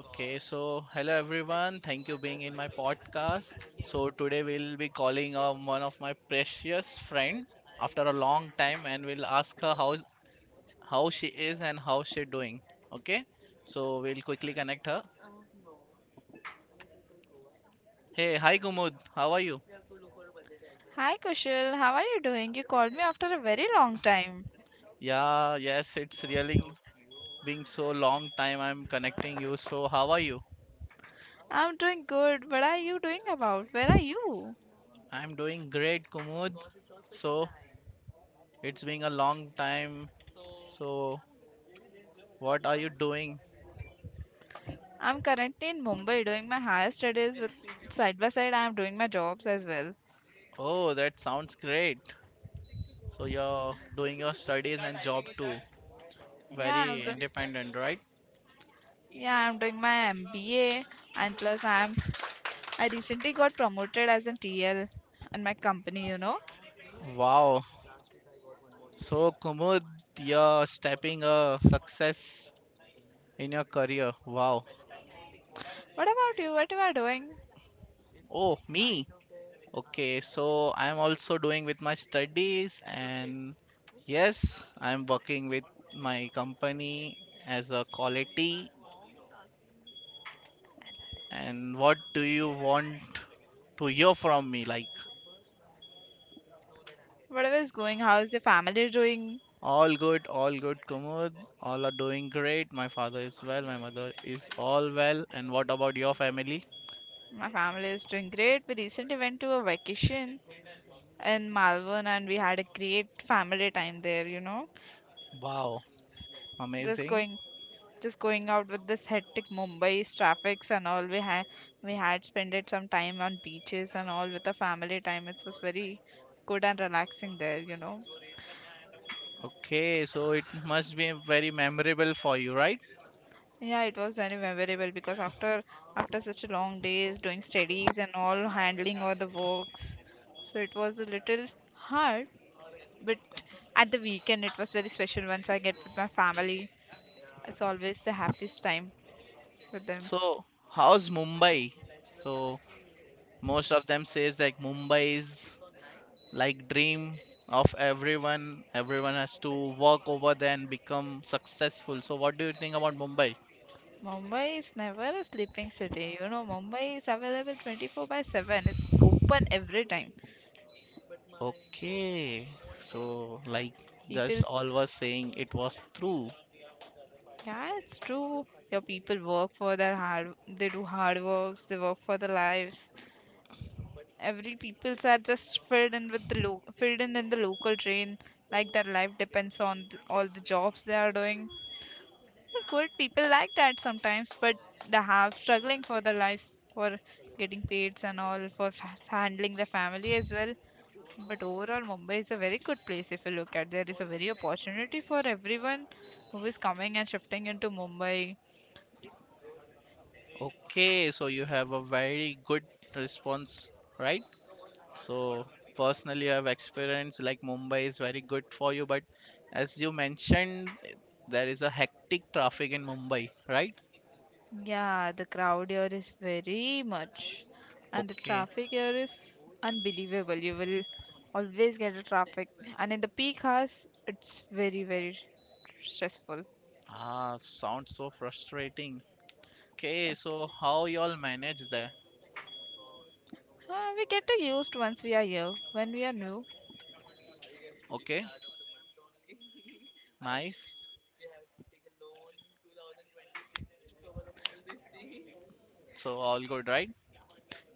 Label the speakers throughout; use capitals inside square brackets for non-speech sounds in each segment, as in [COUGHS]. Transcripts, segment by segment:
Speaker 1: Okay, so hello everyone. Thank you being in my podcast. So today we'll be calling one of my precious friend after a long time and we'll ask her how she is and how she doing. Okay? So we'll quickly connect her. Hey, hi Gumud. How are you?
Speaker 2: Hi Kushal, how are you doing? You called me after a very long time.
Speaker 1: Yeah, yes, it's really being so long time I'm connecting you. So how are you?
Speaker 2: I'm doing good. What are you doing about? Where are you?
Speaker 1: I'm doing great, Gumud. So it's been a long time. So what are you doing?
Speaker 2: I'm currently in Mumbai doing my higher studies with side by side I'm doing my jobs as well.
Speaker 1: Oh, that sounds great. So you're doing your studies and job too.
Speaker 2: Yeah, I'm
Speaker 1: Very
Speaker 2: doing
Speaker 1: independent, right?
Speaker 2: yeah, I'm doing my MBA and plus I recently got promoted as a TL in my company, you know.
Speaker 1: Wow. So Kumud, you're stepping a success in your career. Wow.
Speaker 2: What about you? What you are doing?
Speaker 1: Oh, me. Okay, so I'm also doing with my studies and yes, I'm working with my company as a quality and what do you want to hear from me like.
Speaker 2: Whatever is going, how is your family doing?
Speaker 1: All good, Kumud. All are doing great. My father is well, my mother is all well. And what about your family?
Speaker 2: My family is doing great. We recently went to a vacation in Malvan and we had a great family time there, you know.
Speaker 1: Wow,
Speaker 2: Just
Speaker 1: amazing.
Speaker 2: going just going out with this hectic Mumbai's traffics and all we had spent some time on beaches and all with the family time. It was very good and relaxing there, you know.
Speaker 1: Okay, so it must be very memorable for you, right?
Speaker 2: Yeah, it was very memorable because after such a long days doing studies and all handling all the works. So it was a little hard, but at the weekend it was very special once I get with my family. It's always the happiest time with them.
Speaker 1: So how's Mumbai? So most of them says like Mumbai is like dream of everyone. Everyone has to work over there and become successful. So what do you think about Mumbai?
Speaker 2: Mumbai is never a sleeping city. You know, Mumbai is available 24 by 7. It's open every time.
Speaker 1: Okay, so like just
Speaker 2: People,
Speaker 1: all was saying it was true.
Speaker 2: yeah, it's true. Your people work for their hard, they do hard works, they work for their lives. Every people's are just filled in with the filled in the local train, like their life depends on all the jobs they are doing. But good people like that sometimes, but they have struggling for their lives for getting paid and all for handling the family as well. But overall, Mumbai is a very good place if you look at. There is a very opportunity for everyone who is coming and shifting into Mumbai.
Speaker 1: Okay, so you have a very good response, right? So personally, I have experienced like Mumbai is very good for you, but as you mentioned, there is a hectic traffic in Mumbai, right?
Speaker 2: Yeah, the crowd here is very much, and the
Speaker 1: Okay.
Speaker 2: traffic here is unbelievable. You will always get a traffic, and in the peak hours, it's very stressful.
Speaker 1: Ah, sounds so frustrating. Okay,
Speaker 2: It's
Speaker 1: so how y'all manage there?
Speaker 2: we get to used once we are here. When we are new,
Speaker 1: Okay, nice. So all good, right?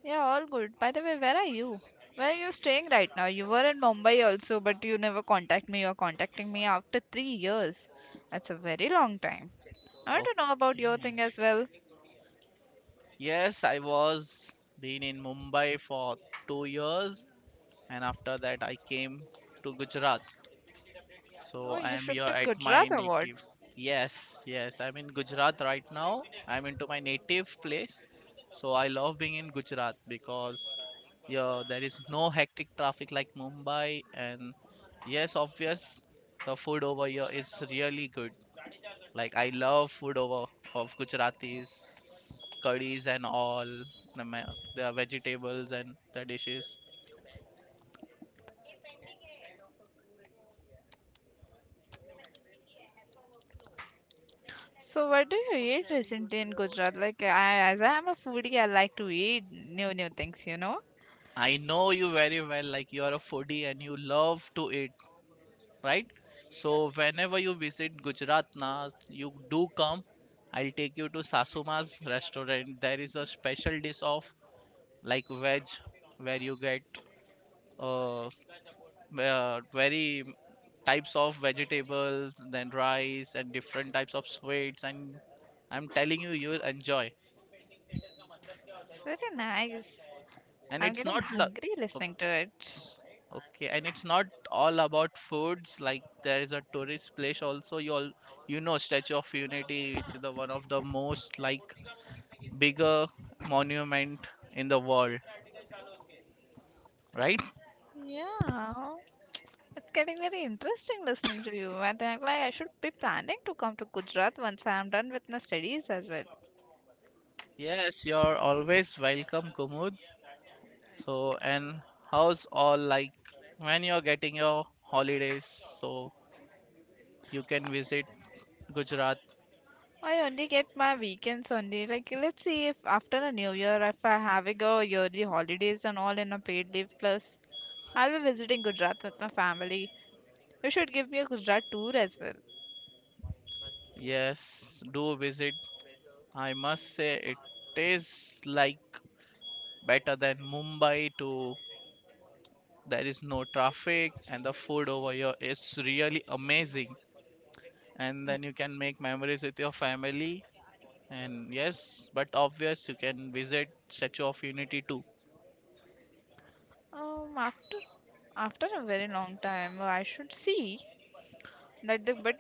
Speaker 2: yeah, all good. By the way, where are you? Where are you staying right now? You were in Mumbai also, but you never contact me. You're contacting me after 3 years. That's a very long time. I want to know about your
Speaker 1: Okay.
Speaker 2: thing as well.
Speaker 1: Yes, I was been in Mumbai for 2 years, and after that I came to Gujarat.
Speaker 2: Oh,
Speaker 1: So I
Speaker 2: you
Speaker 1: am here
Speaker 2: shifted
Speaker 1: at my
Speaker 2: Gujarat or what?
Speaker 1: native. Yes, yes, I'm in Gujarat right now. I'm into my native place. So I love being in Gujarat because yeah, there is no hectic traffic like Mumbai, and yes, obvious, the food over here is really good. Like I love food over of Gujaratis, curries and all, the vegetables and the dishes.
Speaker 2: So what do you eat recently in Gujarat? Like I, as I am a foodie, I like to eat new new things, you know.
Speaker 1: I know you very well, like you are a foodie and you love to eat, right? So whenever you visit Gujarat, na, you do come. I'll take you to Sasuma's restaurant. There is a special dish of like veg, where you get uh, very types of vegetables, then rice and different types of sweets. And I'm telling you, you'll enjoy.
Speaker 2: It's very nice.
Speaker 1: And
Speaker 2: I'm
Speaker 1: it's
Speaker 2: getting
Speaker 1: not. Lo-
Speaker 2: hungry listening to it.
Speaker 1: Okay, and it's not all about foods. Like there is a tourist place also. You all, you know, Statue of Unity, which is the one of the most like bigger monument in the world, right?
Speaker 2: Yeah. It's getting very interesting listening to you. I think like I should be planning to come to Gujarat once I'm done with my studies as well.
Speaker 1: Yes, you're always welcome, Kumud. So, and how's all like when you're getting your holidays? So you can visit Gujarat.
Speaker 2: I only get my weekends only. Like let's see if after a new year if I having a yearly holidays and all in a paid leave plus I'll be visiting Gujarat with my family. You should give me a Gujarat tour as well.
Speaker 1: Yes, do visit. I must say it is like better than Mumbai to there is no traffic and the food over here is really amazing and then you
Speaker 2: Mm.
Speaker 1: can make memories with your family and yes but obvious you can visit Statue of Unity too.
Speaker 2: Um after after a very long time I should see that the bit.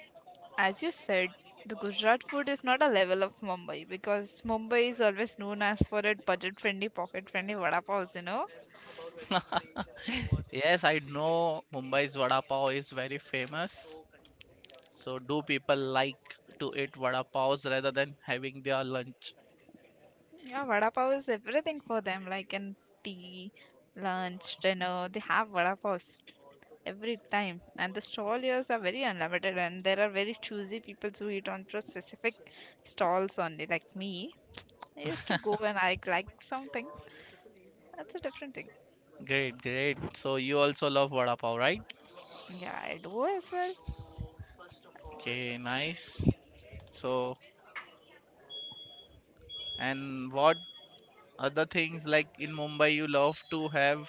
Speaker 2: As you said, the Gujarat food is not a level of Mumbai because Mumbai is always known as for its budget-friendly, pocket-friendly vada paos, you know?
Speaker 1: [LAUGHS] Yes, I know Mumbai's vada pav is very famous, so do people like to eat vada pavs rather than having their lunch.
Speaker 2: Yeah, vada pav is everything for them, like in tea, lunch, dinner, they have vada paos every time. And the stall years are very unlimited and there are very choosy people who eat on just specific stalls only, like me. I used to go when I like something. That's a different thing.
Speaker 1: Great, great, so you also love vada pav, right?
Speaker 2: Yeah, I do as well.
Speaker 1: Okay, nice. So and what other things like in Mumbai you love to have.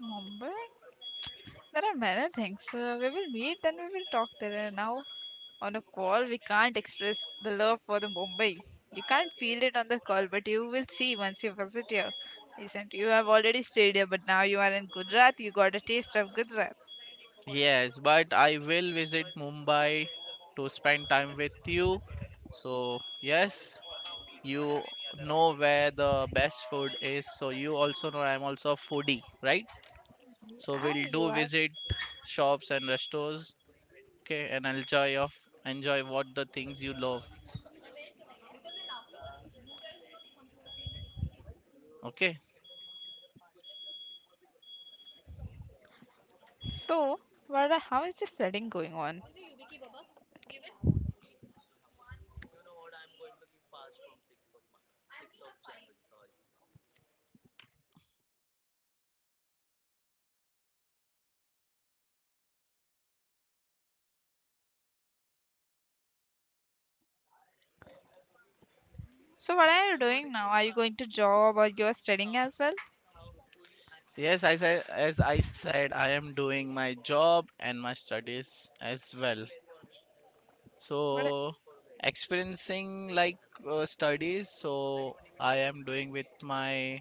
Speaker 2: Mumbai? There are many things. We will meet, then we will talk there. Now, on a call, we can't express the love for the Mumbai. You can't feel it on the call, but you will see once you visit here. Isn't you have already stayed here, but now you are in Gujarat. You got a taste of Gujarat.
Speaker 1: Yes, but I will visit Mumbai to spend time with you. So, yes, you know where the best food is. So you also know I'm also a foodie, right? So
Speaker 2: Yeah,
Speaker 1: we'll
Speaker 2: you
Speaker 1: do
Speaker 2: are.
Speaker 1: visit shops and restaurants, okay, and enjoy what the things you love. Okay.
Speaker 2: So, How is the studying going on? So, what are you doing now? Are you going to job or you are studying as well?
Speaker 1: Yes, I said I am doing my job and my studies as well.
Speaker 2: What?
Speaker 1: So experiencing like studies, so I am doing with my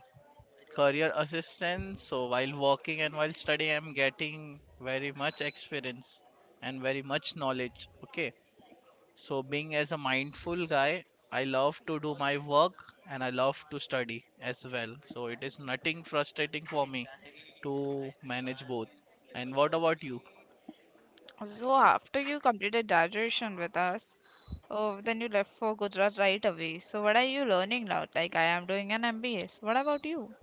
Speaker 1: career assistant. So while working and while studying, I'm getting very much experience and very much knowledge. Okay, so being as a mindful guy, I love to do my work and I love to study as well. So it is nothing frustrating for me to manage both. And what about you?
Speaker 2: So after you completed graduation with us, oh, then you left for Gujarat right away. So what are you learning now? Like I am doing an MBA. So what about you?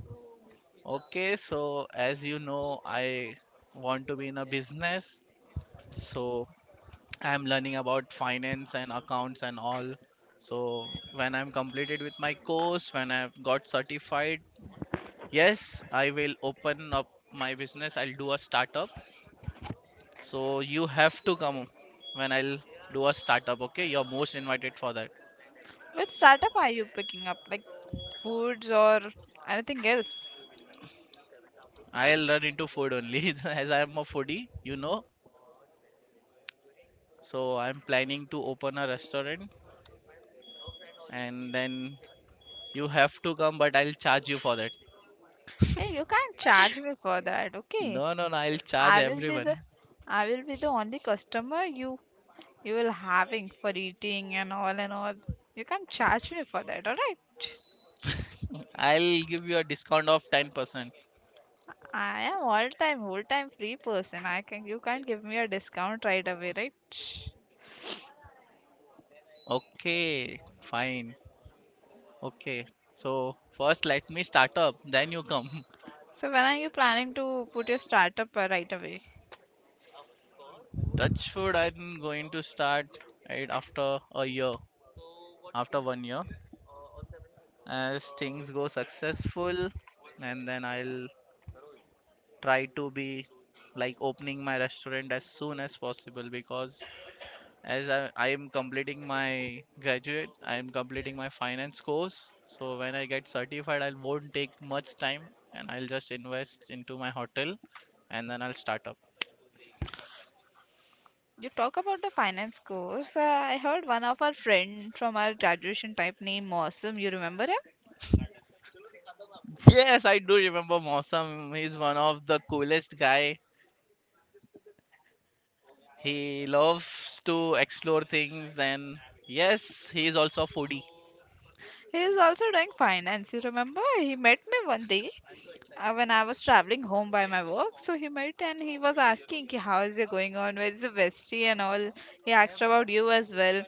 Speaker 1: Okay, so as you know, I want to be in a business, so I'm learning about finance and accounts and all. So when I'm completed with my course, when I've got certified, yes, I will open up my business. I'll do a startup. So you have to come when I'll do a startup, okay? You're most invited for that.
Speaker 2: Which startup are you picking up? Like foods or anything else?
Speaker 1: I'll run into food only [LAUGHS] as I'm a foodie, you know. So I'm planning to open a restaurant, and then you have to come, but I'll charge you for that.
Speaker 2: Hey, you can't charge me for that, okay?
Speaker 1: No, no, no, I'll charge
Speaker 2: I will be the
Speaker 1: everyone.
Speaker 2: I will be the only customer you will having for eating and all and all. You can't charge me for that, alright?
Speaker 1: I'll give you a discount of 10%.
Speaker 2: I am all time, whole time free person. I can You can't give me a discount right away, right?
Speaker 1: Okay, fine. Okay. So first let me start up, then you come.
Speaker 2: So when are you planning to put your startup right away?
Speaker 1: Touch food, I'm going to start right after a year, after one year. As things go successful, and then I'll try to be like opening my restaurant as soon as possible because I am completing my graduate, I am completing my finance course, so when I get certified I won't take much time, and I'll just invest into my hotel and then I'll start up.
Speaker 2: You talk about the finance course. I heard one of our friend from our graduation type named Mosum. You remember him?
Speaker 1: [LAUGHS] Yes, I do remember Mausam. He's one of the coolest guy, he loves to explore things, and yes he is also a foodie.
Speaker 2: He is also doing finance. You remember? He met me one day when I was traveling home by my work. So he met and he was asking, "Ki, How is it going on? Where is the bestie and all?" He asked about you as well.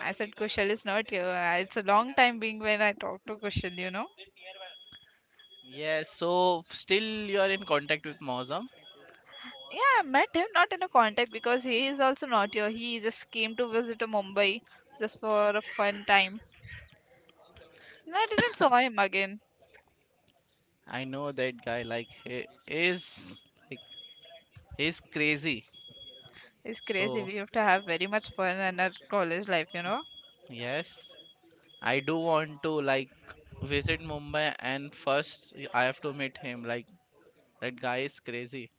Speaker 2: I said Kushal is not here. It's a long time being when I talk to Kushal, you know.
Speaker 1: Yes, so still you are in contact with Mausam.
Speaker 2: Yeah, I met him not in a contact because he is also not here. He just came to visit to Mumbai just for a fun time. And I didn't saw him again.
Speaker 1: I know that guy, like he is like he's crazy.
Speaker 2: It's crazy.
Speaker 1: So
Speaker 2: We have to have very much fun in our college life, you know.
Speaker 1: yes, I do want to like visit Mumbai and first I have to meet him. Like that guy is crazy.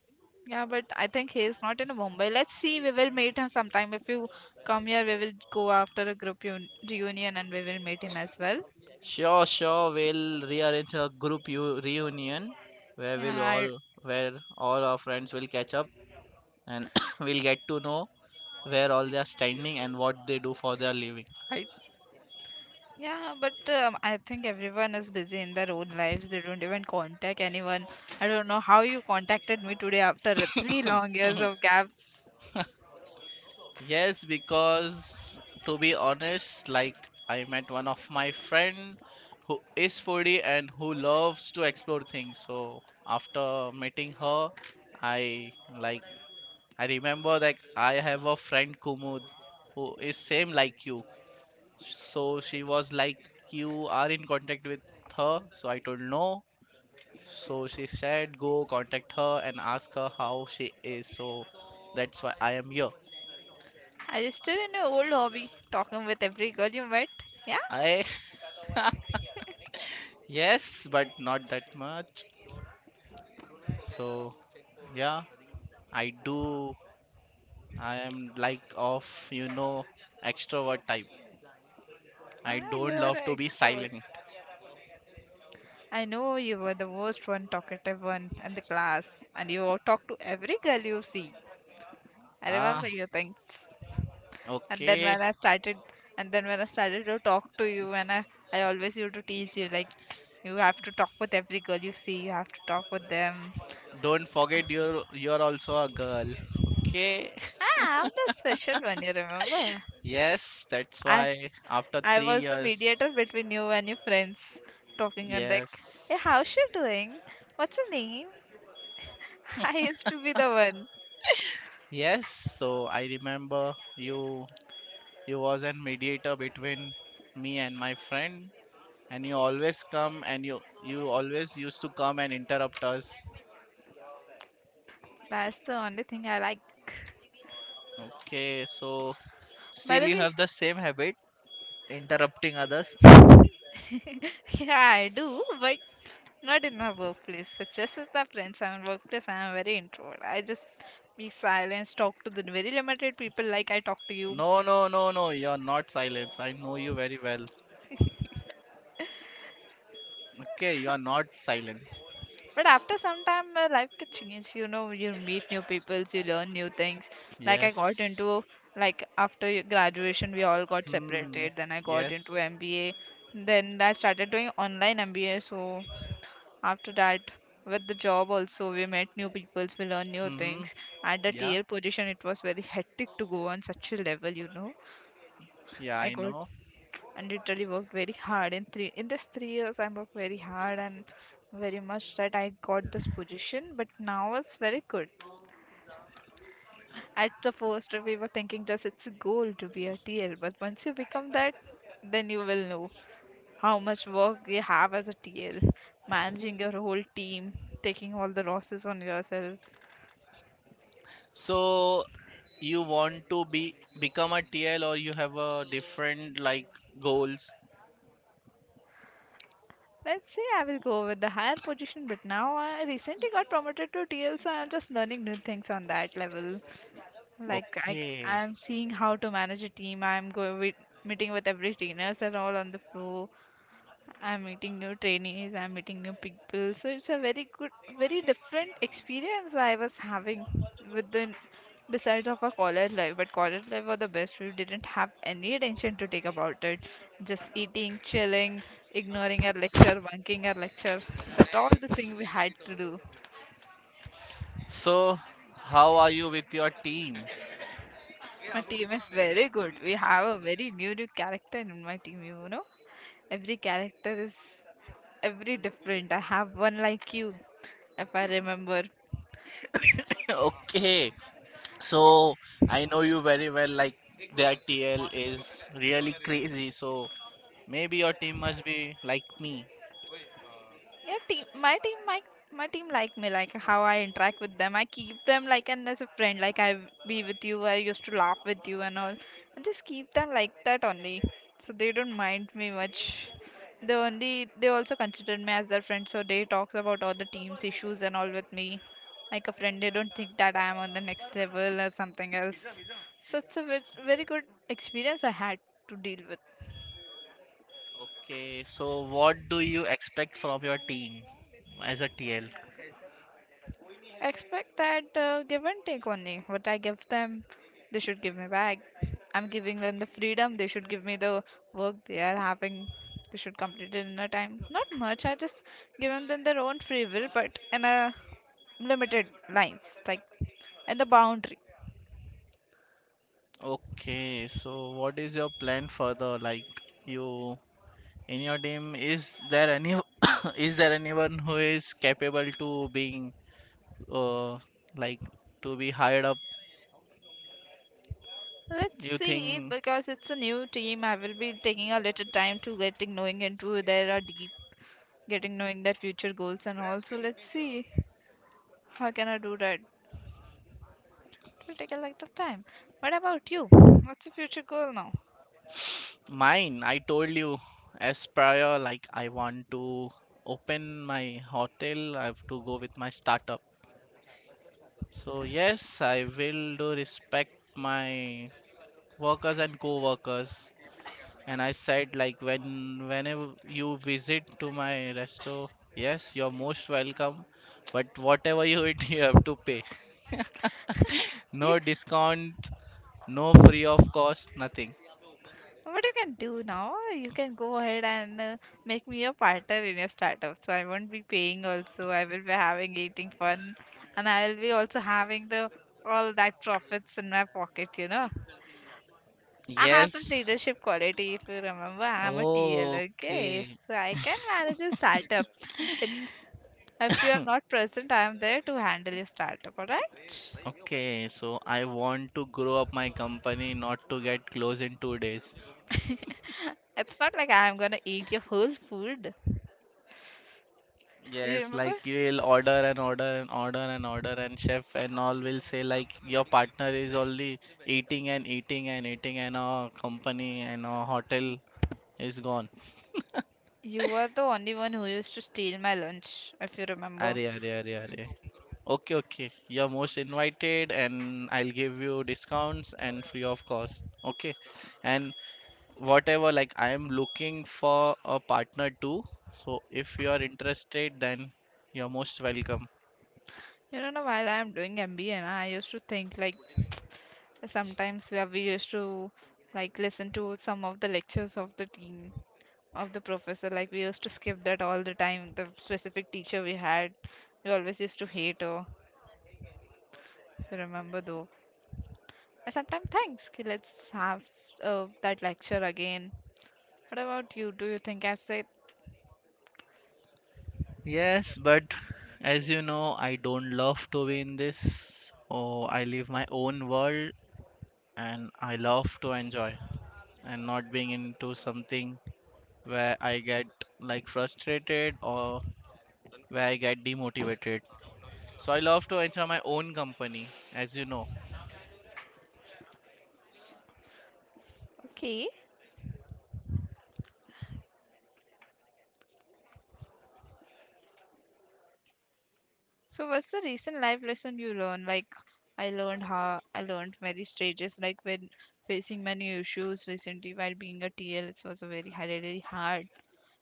Speaker 2: Yeah, but I think he is not in Mumbai. Let's see. We will meet him sometime. If you come here, we will go after a group reunion and we will meet him as well.
Speaker 1: Sure, sure. We'll rearrange a reunion where
Speaker 2: Yeah,
Speaker 1: we'll
Speaker 2: I.
Speaker 1: all where all our friends will catch up and [COUGHS] we'll get to know where all they are standing and what they do for their living.
Speaker 2: Yeah, but I think everyone is busy in their own lives. They don't even contact anyone. I don't know how you contacted me today after three long years of gaps.
Speaker 1: Yes, because to be honest, like I met one of my friend who is foodie and who loves to explore things. So after meeting her, I like I remember like I have a friend Kumud who is same like you. So she was like you are in contact with her. So I told no. So she said go contact her and ask her how she is. So that's why I am here.
Speaker 2: Are you still in your old hobby, talking with every girl you met? Yeah?
Speaker 1: I yes, but not that much. So, yeah, I do. I am like of, you know, extrovert type. I
Speaker 2: Ah, you
Speaker 1: don't
Speaker 2: are an
Speaker 1: love to be
Speaker 2: extrovert.
Speaker 1: silent.
Speaker 2: I know you were the most one talkative one in the class, and you all talk to every girl you see. I
Speaker 1: Ah,
Speaker 2: remember you. And then
Speaker 1: okay.
Speaker 2: when I started and then when I started to talk to you and I always used to tease you like you have to talk with every girl you see, you have to talk with them.
Speaker 1: Don't forget you're also a girl. Okay. [LAUGHS]
Speaker 2: Ah, I'm the special one, you remember.
Speaker 1: Yes, that's
Speaker 2: i
Speaker 1: why after
Speaker 2: i
Speaker 1: three
Speaker 2: was the mediator
Speaker 1: years.
Speaker 2: between you and your friends talking and like,
Speaker 1: Yes.
Speaker 2: hey, how's she doing, what's her name. [LAUGHS] I used to be the one.
Speaker 1: Yes, so I remember you, you was a mediator between me and my friend, and you always used to come and interrupt us.
Speaker 2: That's the only thing I like,
Speaker 1: Okay, so
Speaker 2: by
Speaker 1: still,
Speaker 2: the
Speaker 1: you
Speaker 2: way.
Speaker 1: have the same habit, interrupting others.
Speaker 2: [LAUGHS] yeah, I do, but not in my workplace. So just with my friends, I'm in workplace. I'm very introvert. I just be silent, talk to the very limited people like I talk to you.
Speaker 1: No, no, no, no, you're not silence. I know you very well. Okay, you are not silence.
Speaker 2: But after some time, my life gets changed. You know, you meet new people, you learn new things. Like I got
Speaker 1: Yes.
Speaker 2: into like after graduation, we all got
Speaker 1: Hmm.
Speaker 2: separated. Then I got
Speaker 1: Yes.
Speaker 2: into MBA. Then I started doing online MBA. So after that with the job also we met new peoples we learned new
Speaker 1: Mm-hmm.
Speaker 2: things at the
Speaker 1: Yeah.
Speaker 2: tl position it was very hectic to go on such a level, you know.
Speaker 1: Yeah,
Speaker 2: I
Speaker 1: I
Speaker 2: got
Speaker 1: know.
Speaker 2: and Literally worked very hard in three in this 3 years. I worked very hard and very much that I got this position, but now it's very good. At the first we were thinking just it's a goal to be a tl, but once you become that, then you will know how much work you have as a tl, managing your whole team, taking all the losses on yourself.
Speaker 1: So you want to be become a TL or you have a different like goals.
Speaker 2: Let's say I will go with the higher position, but now I recently got promoted to TL, so I'm just learning new things on that level. Like I,
Speaker 1: Okay.
Speaker 2: I'm seeing how to manage a team. I'm going with meeting with every trainers and all on the floor. I'm meeting new trainees, I'm meeting new people. So it's a very good, very different experience I was having with the besides of a college life. But college life was the best. We didn't have any attention to take about it. Just eating, chilling, ignoring our lecture, bunking our lecture. That all the thing we had to do.
Speaker 1: So how are you with your team?
Speaker 2: My team is very good. We have a very new new character in my team. You know, every character is every different. I have one like you, if I remember.
Speaker 1: [LAUGHS] Okay. So I know you very well, like their TL is really crazy. So maybe your team must be like me.
Speaker 2: Yeah, team. My team like me, like how I interact with them. I keep them like and as a friend, like I be with you. I used to laugh with you and all. I just keep them like that only, so they don't mind me much. They also consider me as their friend, so they talks about all the team's issues and all with me, like a friend. They don't think that I am on the next level or something else. So it's a very good experience I had to deal with.
Speaker 1: Okay. So what do you expect from your team as a TL?
Speaker 2: Expect that give and take only. What I give them, they should give me back. I'm giving them the freedom. They should give me the work they are having. They should complete it in a time. Not much. I just give them their own free will, but in a limited lines, like in the boundary.
Speaker 1: Okay. So what is your plan further? Like, you in your team, is there any [COUGHS] is there anyone who is capable to being uh like to be hired up.
Speaker 2: Let's
Speaker 1: You
Speaker 2: see,
Speaker 1: think
Speaker 2: because it's a new team. I will be taking a little time to getting knowing into their deep, getting knowing their future goals, and also let's see how can I do that. It will take a lot of time. What about you? What's your future goal now?
Speaker 1: mine? I told you as prior, like I want to open my hotel. I have to go with my startup. So yes, I will do respect my workers and co-workers. And I said like whenever you visit to my resto, yes, you're most welcome. But whatever you eat, [LAUGHS] you have to pay. [LAUGHS]
Speaker 2: You,
Speaker 1: No discount, no free of cost, nothing.
Speaker 2: what you can do now? You can go ahead and make me a partner in your startup. So I won't be paying also. I will be having eating fun, and I will be also having the all that profits in my pocket. I have the
Speaker 1: Yes.
Speaker 2: leadership quality. If you remember, I'm a TL.
Speaker 1: Oh.
Speaker 2: Okay,
Speaker 1: Okay.
Speaker 2: so I can manage a startup. And if you are not present, I am there to handle your startup. All right.
Speaker 1: Okay, so I want to grow up my company not to get closed in two days.
Speaker 2: It's not like I'm gonna eat your whole food. You
Speaker 1: Yes,
Speaker 2: remember?
Speaker 1: like you will order and order and order and order and chef and all will say like your partner is only eating and eating and eating and our company and our hotel is gone.
Speaker 2: You were the only one who used to steal my lunch, if you remember.
Speaker 1: Are, are. Okay, okay. You're most invited and I'll give you discounts and free of cost. Okay. And whatever like I am looking for a partner too, so if you are interested then you're most welcome.
Speaker 2: You know, now while I am doing MBA, na, I used to think like [TSK] sometimes where we used to like listen to some of the lectures of the team of the professor. Like we used to skip that all the time. The specific teacher we had, we always used to hate her. If you remember though, I sometimes thanks. Okay, let's have that lecture again. What about you? Do you think I said
Speaker 1: Yes, but as you know I don't love to be in this, oh I live my own world, and I love to enjoy and not being into something where I get like frustrated or where I get demotivated, so I love to enjoy my own company as you know.
Speaker 2: okay? So what's the recent life lesson you learned? Like I learned many stages, like when facing many issues recently while being a T L, it was a really hard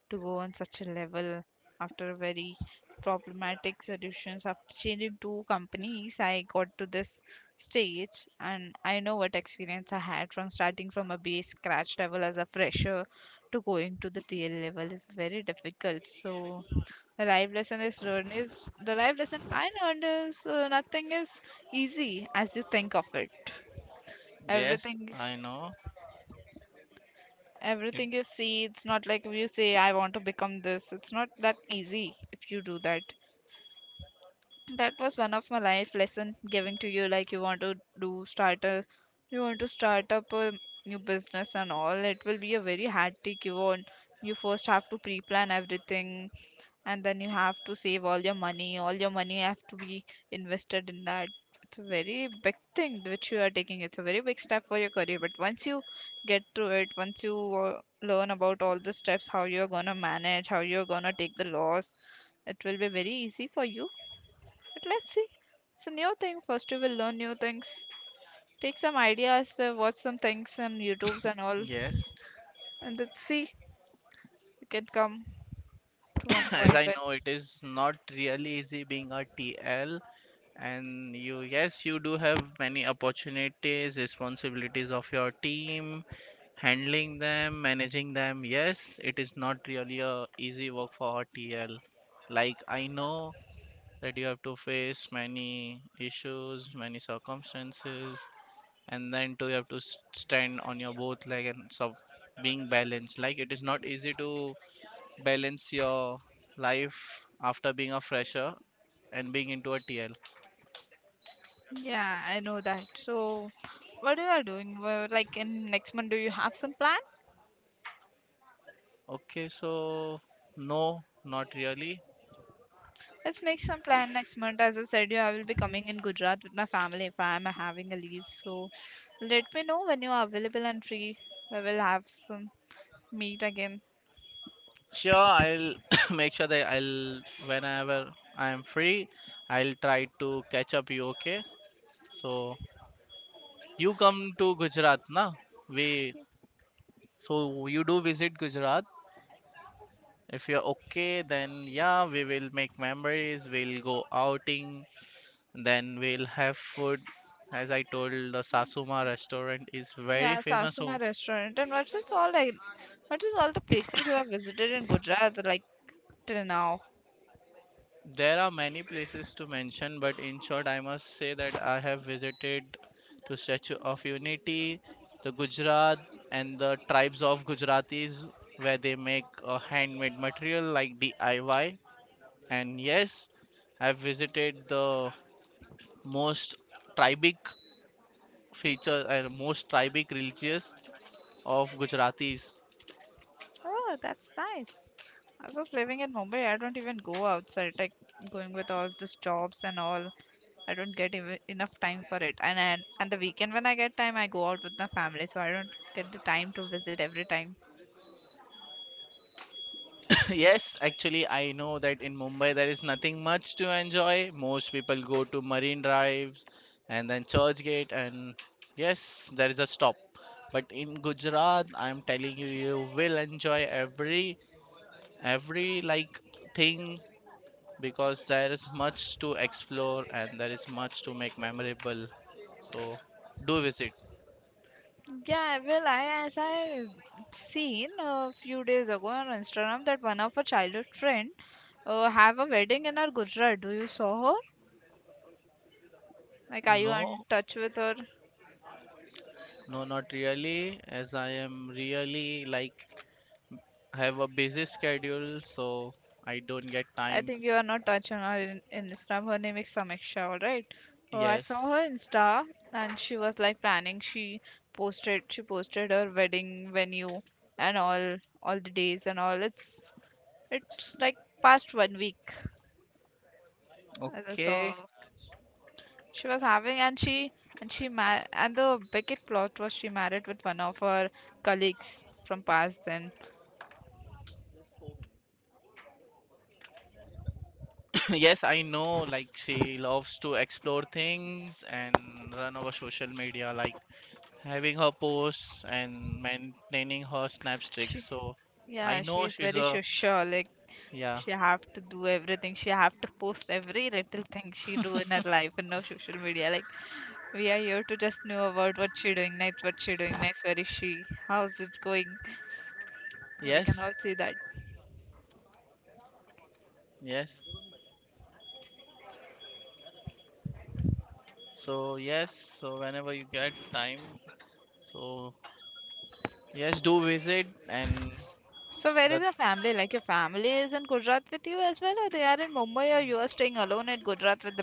Speaker 2: to go on such a level after a very problematic solutions after changing two companies I got to this stage and I know what experience I had from starting from a base scratch level as a fresher to going to the TL level is very difficult. So the life lesson I learned is nothing is easy as you think of it.
Speaker 1: Yes,
Speaker 2: Everything
Speaker 1: I
Speaker 2: is
Speaker 1: know it.
Speaker 2: everything you see, it's not like if you say I want to become this. It's not that easy if you do that. That was one of my life lesson giving to you, like you want to start up a new business and all. It will be a very hard take you on. You first have to pre-plan everything, and then you have to save all your money have to be invested in that. It's a very big thing which you are taking. It's a very big step for your career, but once you get through it, once you learn about all the steps, how you're gonna manage, how you're gonna take the loss, it will be very easy for you. But let's see, it's a new thing. First you will learn new things, take some ideas, watch some things on youtubes and all,
Speaker 1: Yes.
Speaker 2: and let's see you can come to one
Speaker 1: As
Speaker 2: point
Speaker 1: I
Speaker 2: where.
Speaker 1: know, it is not really easy being a TL, and you, yes, you do have many opportunities, responsibilities of your team, handling them, managing them. Yes, it is not really a easy work for a TL. Like I know that you have to face many issues, many circumstances, and then too you have to stand on your both leg and sub being balanced. Like it is not easy to balance your life after being a fresher and being into a TL?
Speaker 2: Yeah, I know that. So, what you are doing? Well, like in next month, do you have some plan?
Speaker 1: Okay, so no, not really.
Speaker 2: Let's make some plan next month. As I said, you I will be coming in Gujarat with my family if I am having a leave. So, let me know when you are available and free. We will have some meet again.
Speaker 1: Sure, I'll [COUGHS] make sure that I'll whenever I am free, I'll try to catch up you. Okay, so you come to Gujarat, na? We so you do visit Gujarat. If you're okay, then yeah, we will make memories. We'll go outing. Then we'll have food. As I told, the Sasuma restaurant is very
Speaker 2: Yeah,
Speaker 1: famous.
Speaker 2: Sasuma
Speaker 1: So
Speaker 2: restaurant. And what is all like? What is all the places you have visited in Gujarat like till now?
Speaker 1: there are many places to mention, but in short, I must say that I have visited to Statue of Unity, the Gujarat, and the tribes of Gujaratis, where they make a handmade material like DIY. And yes, I've visited the most tribic feature and most tribic religious of Gujaratis.
Speaker 2: Oh, that's nice. As of living in Mumbai, I don't even go outside. Like going with all these jobs and all, I don't get even enough time for it. And the weekend when I get time, I go out with my family, so I don't get the time to visit every time.
Speaker 1: [LAUGHS] Yes, actually, I know that in Mumbai there is nothing much to enjoy. Most people go to Marine Drives and then Churchgate, and yes, there is a stop. But in Gujarat, I'm telling you, you will enjoy every every like thing because there is much to explore and there is much to make memorable. So do visit.
Speaker 2: Yeah, well, I as I seen a few days ago on Instagram that one of our childhood friend have a wedding in our Gujarat. Do you saw her? Like, are you in
Speaker 1: No,
Speaker 2: touch with her?
Speaker 1: no, not really, as I am really like I have a busy schedule, so I don't get
Speaker 2: I
Speaker 1: time.
Speaker 2: think you are not touching her in Instagram. Her name is Samiksha, all right? Oh, I saw
Speaker 1: Yes.
Speaker 2: her Insta, and she was like planning. She posted her wedding venue and all the days and all. It's like past one week as I
Speaker 1: Okay.
Speaker 2: saw her. She was having, and she ma. And the biggest plot was she married with one of her colleagues from past then.
Speaker 1: [CLEARS THROAT] [COUGHS] Yes, I know like she loves to explore things and run over social media, like having her posts and maintaining her snap streaks.
Speaker 2: She,
Speaker 1: So I
Speaker 2: yeah, she
Speaker 1: know
Speaker 2: is
Speaker 1: she's
Speaker 2: very
Speaker 1: a
Speaker 2: social. Like
Speaker 1: yeah.
Speaker 2: she have to do everything. She have to post every little thing she do in her life and no social media. Like we are here to just know about what she doing next, where is she, how's it going. We can
Speaker 1: Yes.
Speaker 2: all see that.
Speaker 1: Yes. So yes, so whenever you get time, so yes, do visit and
Speaker 2: So where is
Speaker 1: the
Speaker 2: your family? Like your family is in Gujarat with you as well, or they are in Mumbai, or you are staying alone at Gujarat with the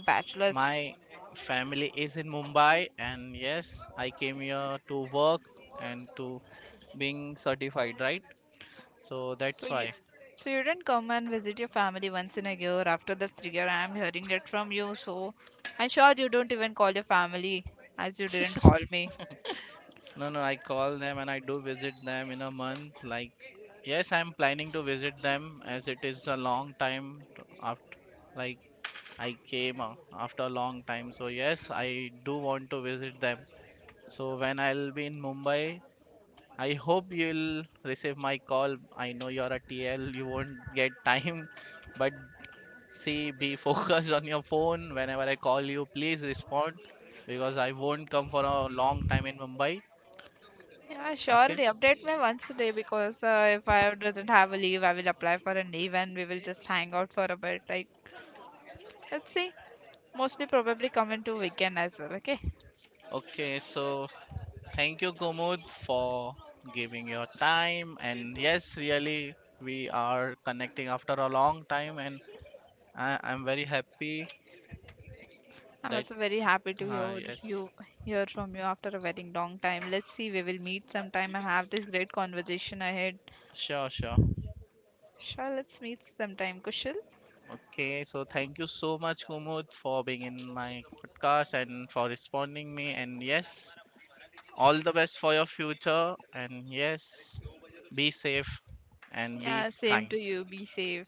Speaker 1: my
Speaker 2: bachelors?
Speaker 1: family is in Mumbai, and yes, I came here to work and to being certified, right? So that's
Speaker 2: So you,
Speaker 1: why.
Speaker 2: so you didn't come and visit your family once in a year. After the three year, I am hearing it from you. So I'm sure you don't even call your family as you didn't call me.
Speaker 1: [LAUGHS] No, no, I call them and I do visit them in a month. Like, yes, I'm planning to visit them as it is a long time after, like, I came after a long time. So, yes, I do want to visit them. So when I'll be in Mumbai, I hope you'll receive my call. I know you're a TL, you won't get time, but see, be [LAUGHS] focused on your phone. Whenever I call you, please respond because I won't come for a long time in Mumbai.
Speaker 2: Yeah,
Speaker 1: Okay?
Speaker 2: surely update me once a day because if I doesn't have a leave, I will apply for a leave and we will just hang out for a bit. Like, let's see. Mostly probably come into weekend as well. Okay.
Speaker 1: Okay, so thank you, Gomud, for giving your time. And yes, really, we are connecting after a long time, and I'm very happy
Speaker 2: I'm
Speaker 1: that,
Speaker 2: also very happy to hear you
Speaker 1: yes,
Speaker 2: hear from you after a very long time. Let's see. We will meet sometime and have this great conversation ahead.
Speaker 1: sure, sure.
Speaker 2: Sure. Let's meet sometime, Kushal.
Speaker 1: Okay, so thank you so much, Kumud, for being in my podcast and for responding me. And yes, all the best for your future. And yes, be safe and be
Speaker 2: Yeah. Same
Speaker 1: kind.
Speaker 2: to you. Be safe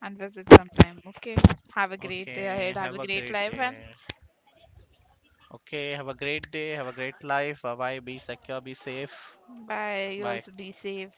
Speaker 2: and visit sometime. Okay. Have a great day
Speaker 1: Okay,
Speaker 2: ahead. Have a
Speaker 1: have a
Speaker 2: great
Speaker 1: great
Speaker 2: life and
Speaker 1: day. Okay, have a great day. Have a great life. Bye bye. Be secure. Be safe.
Speaker 2: bye. You
Speaker 1: Bye.
Speaker 2: also be safe.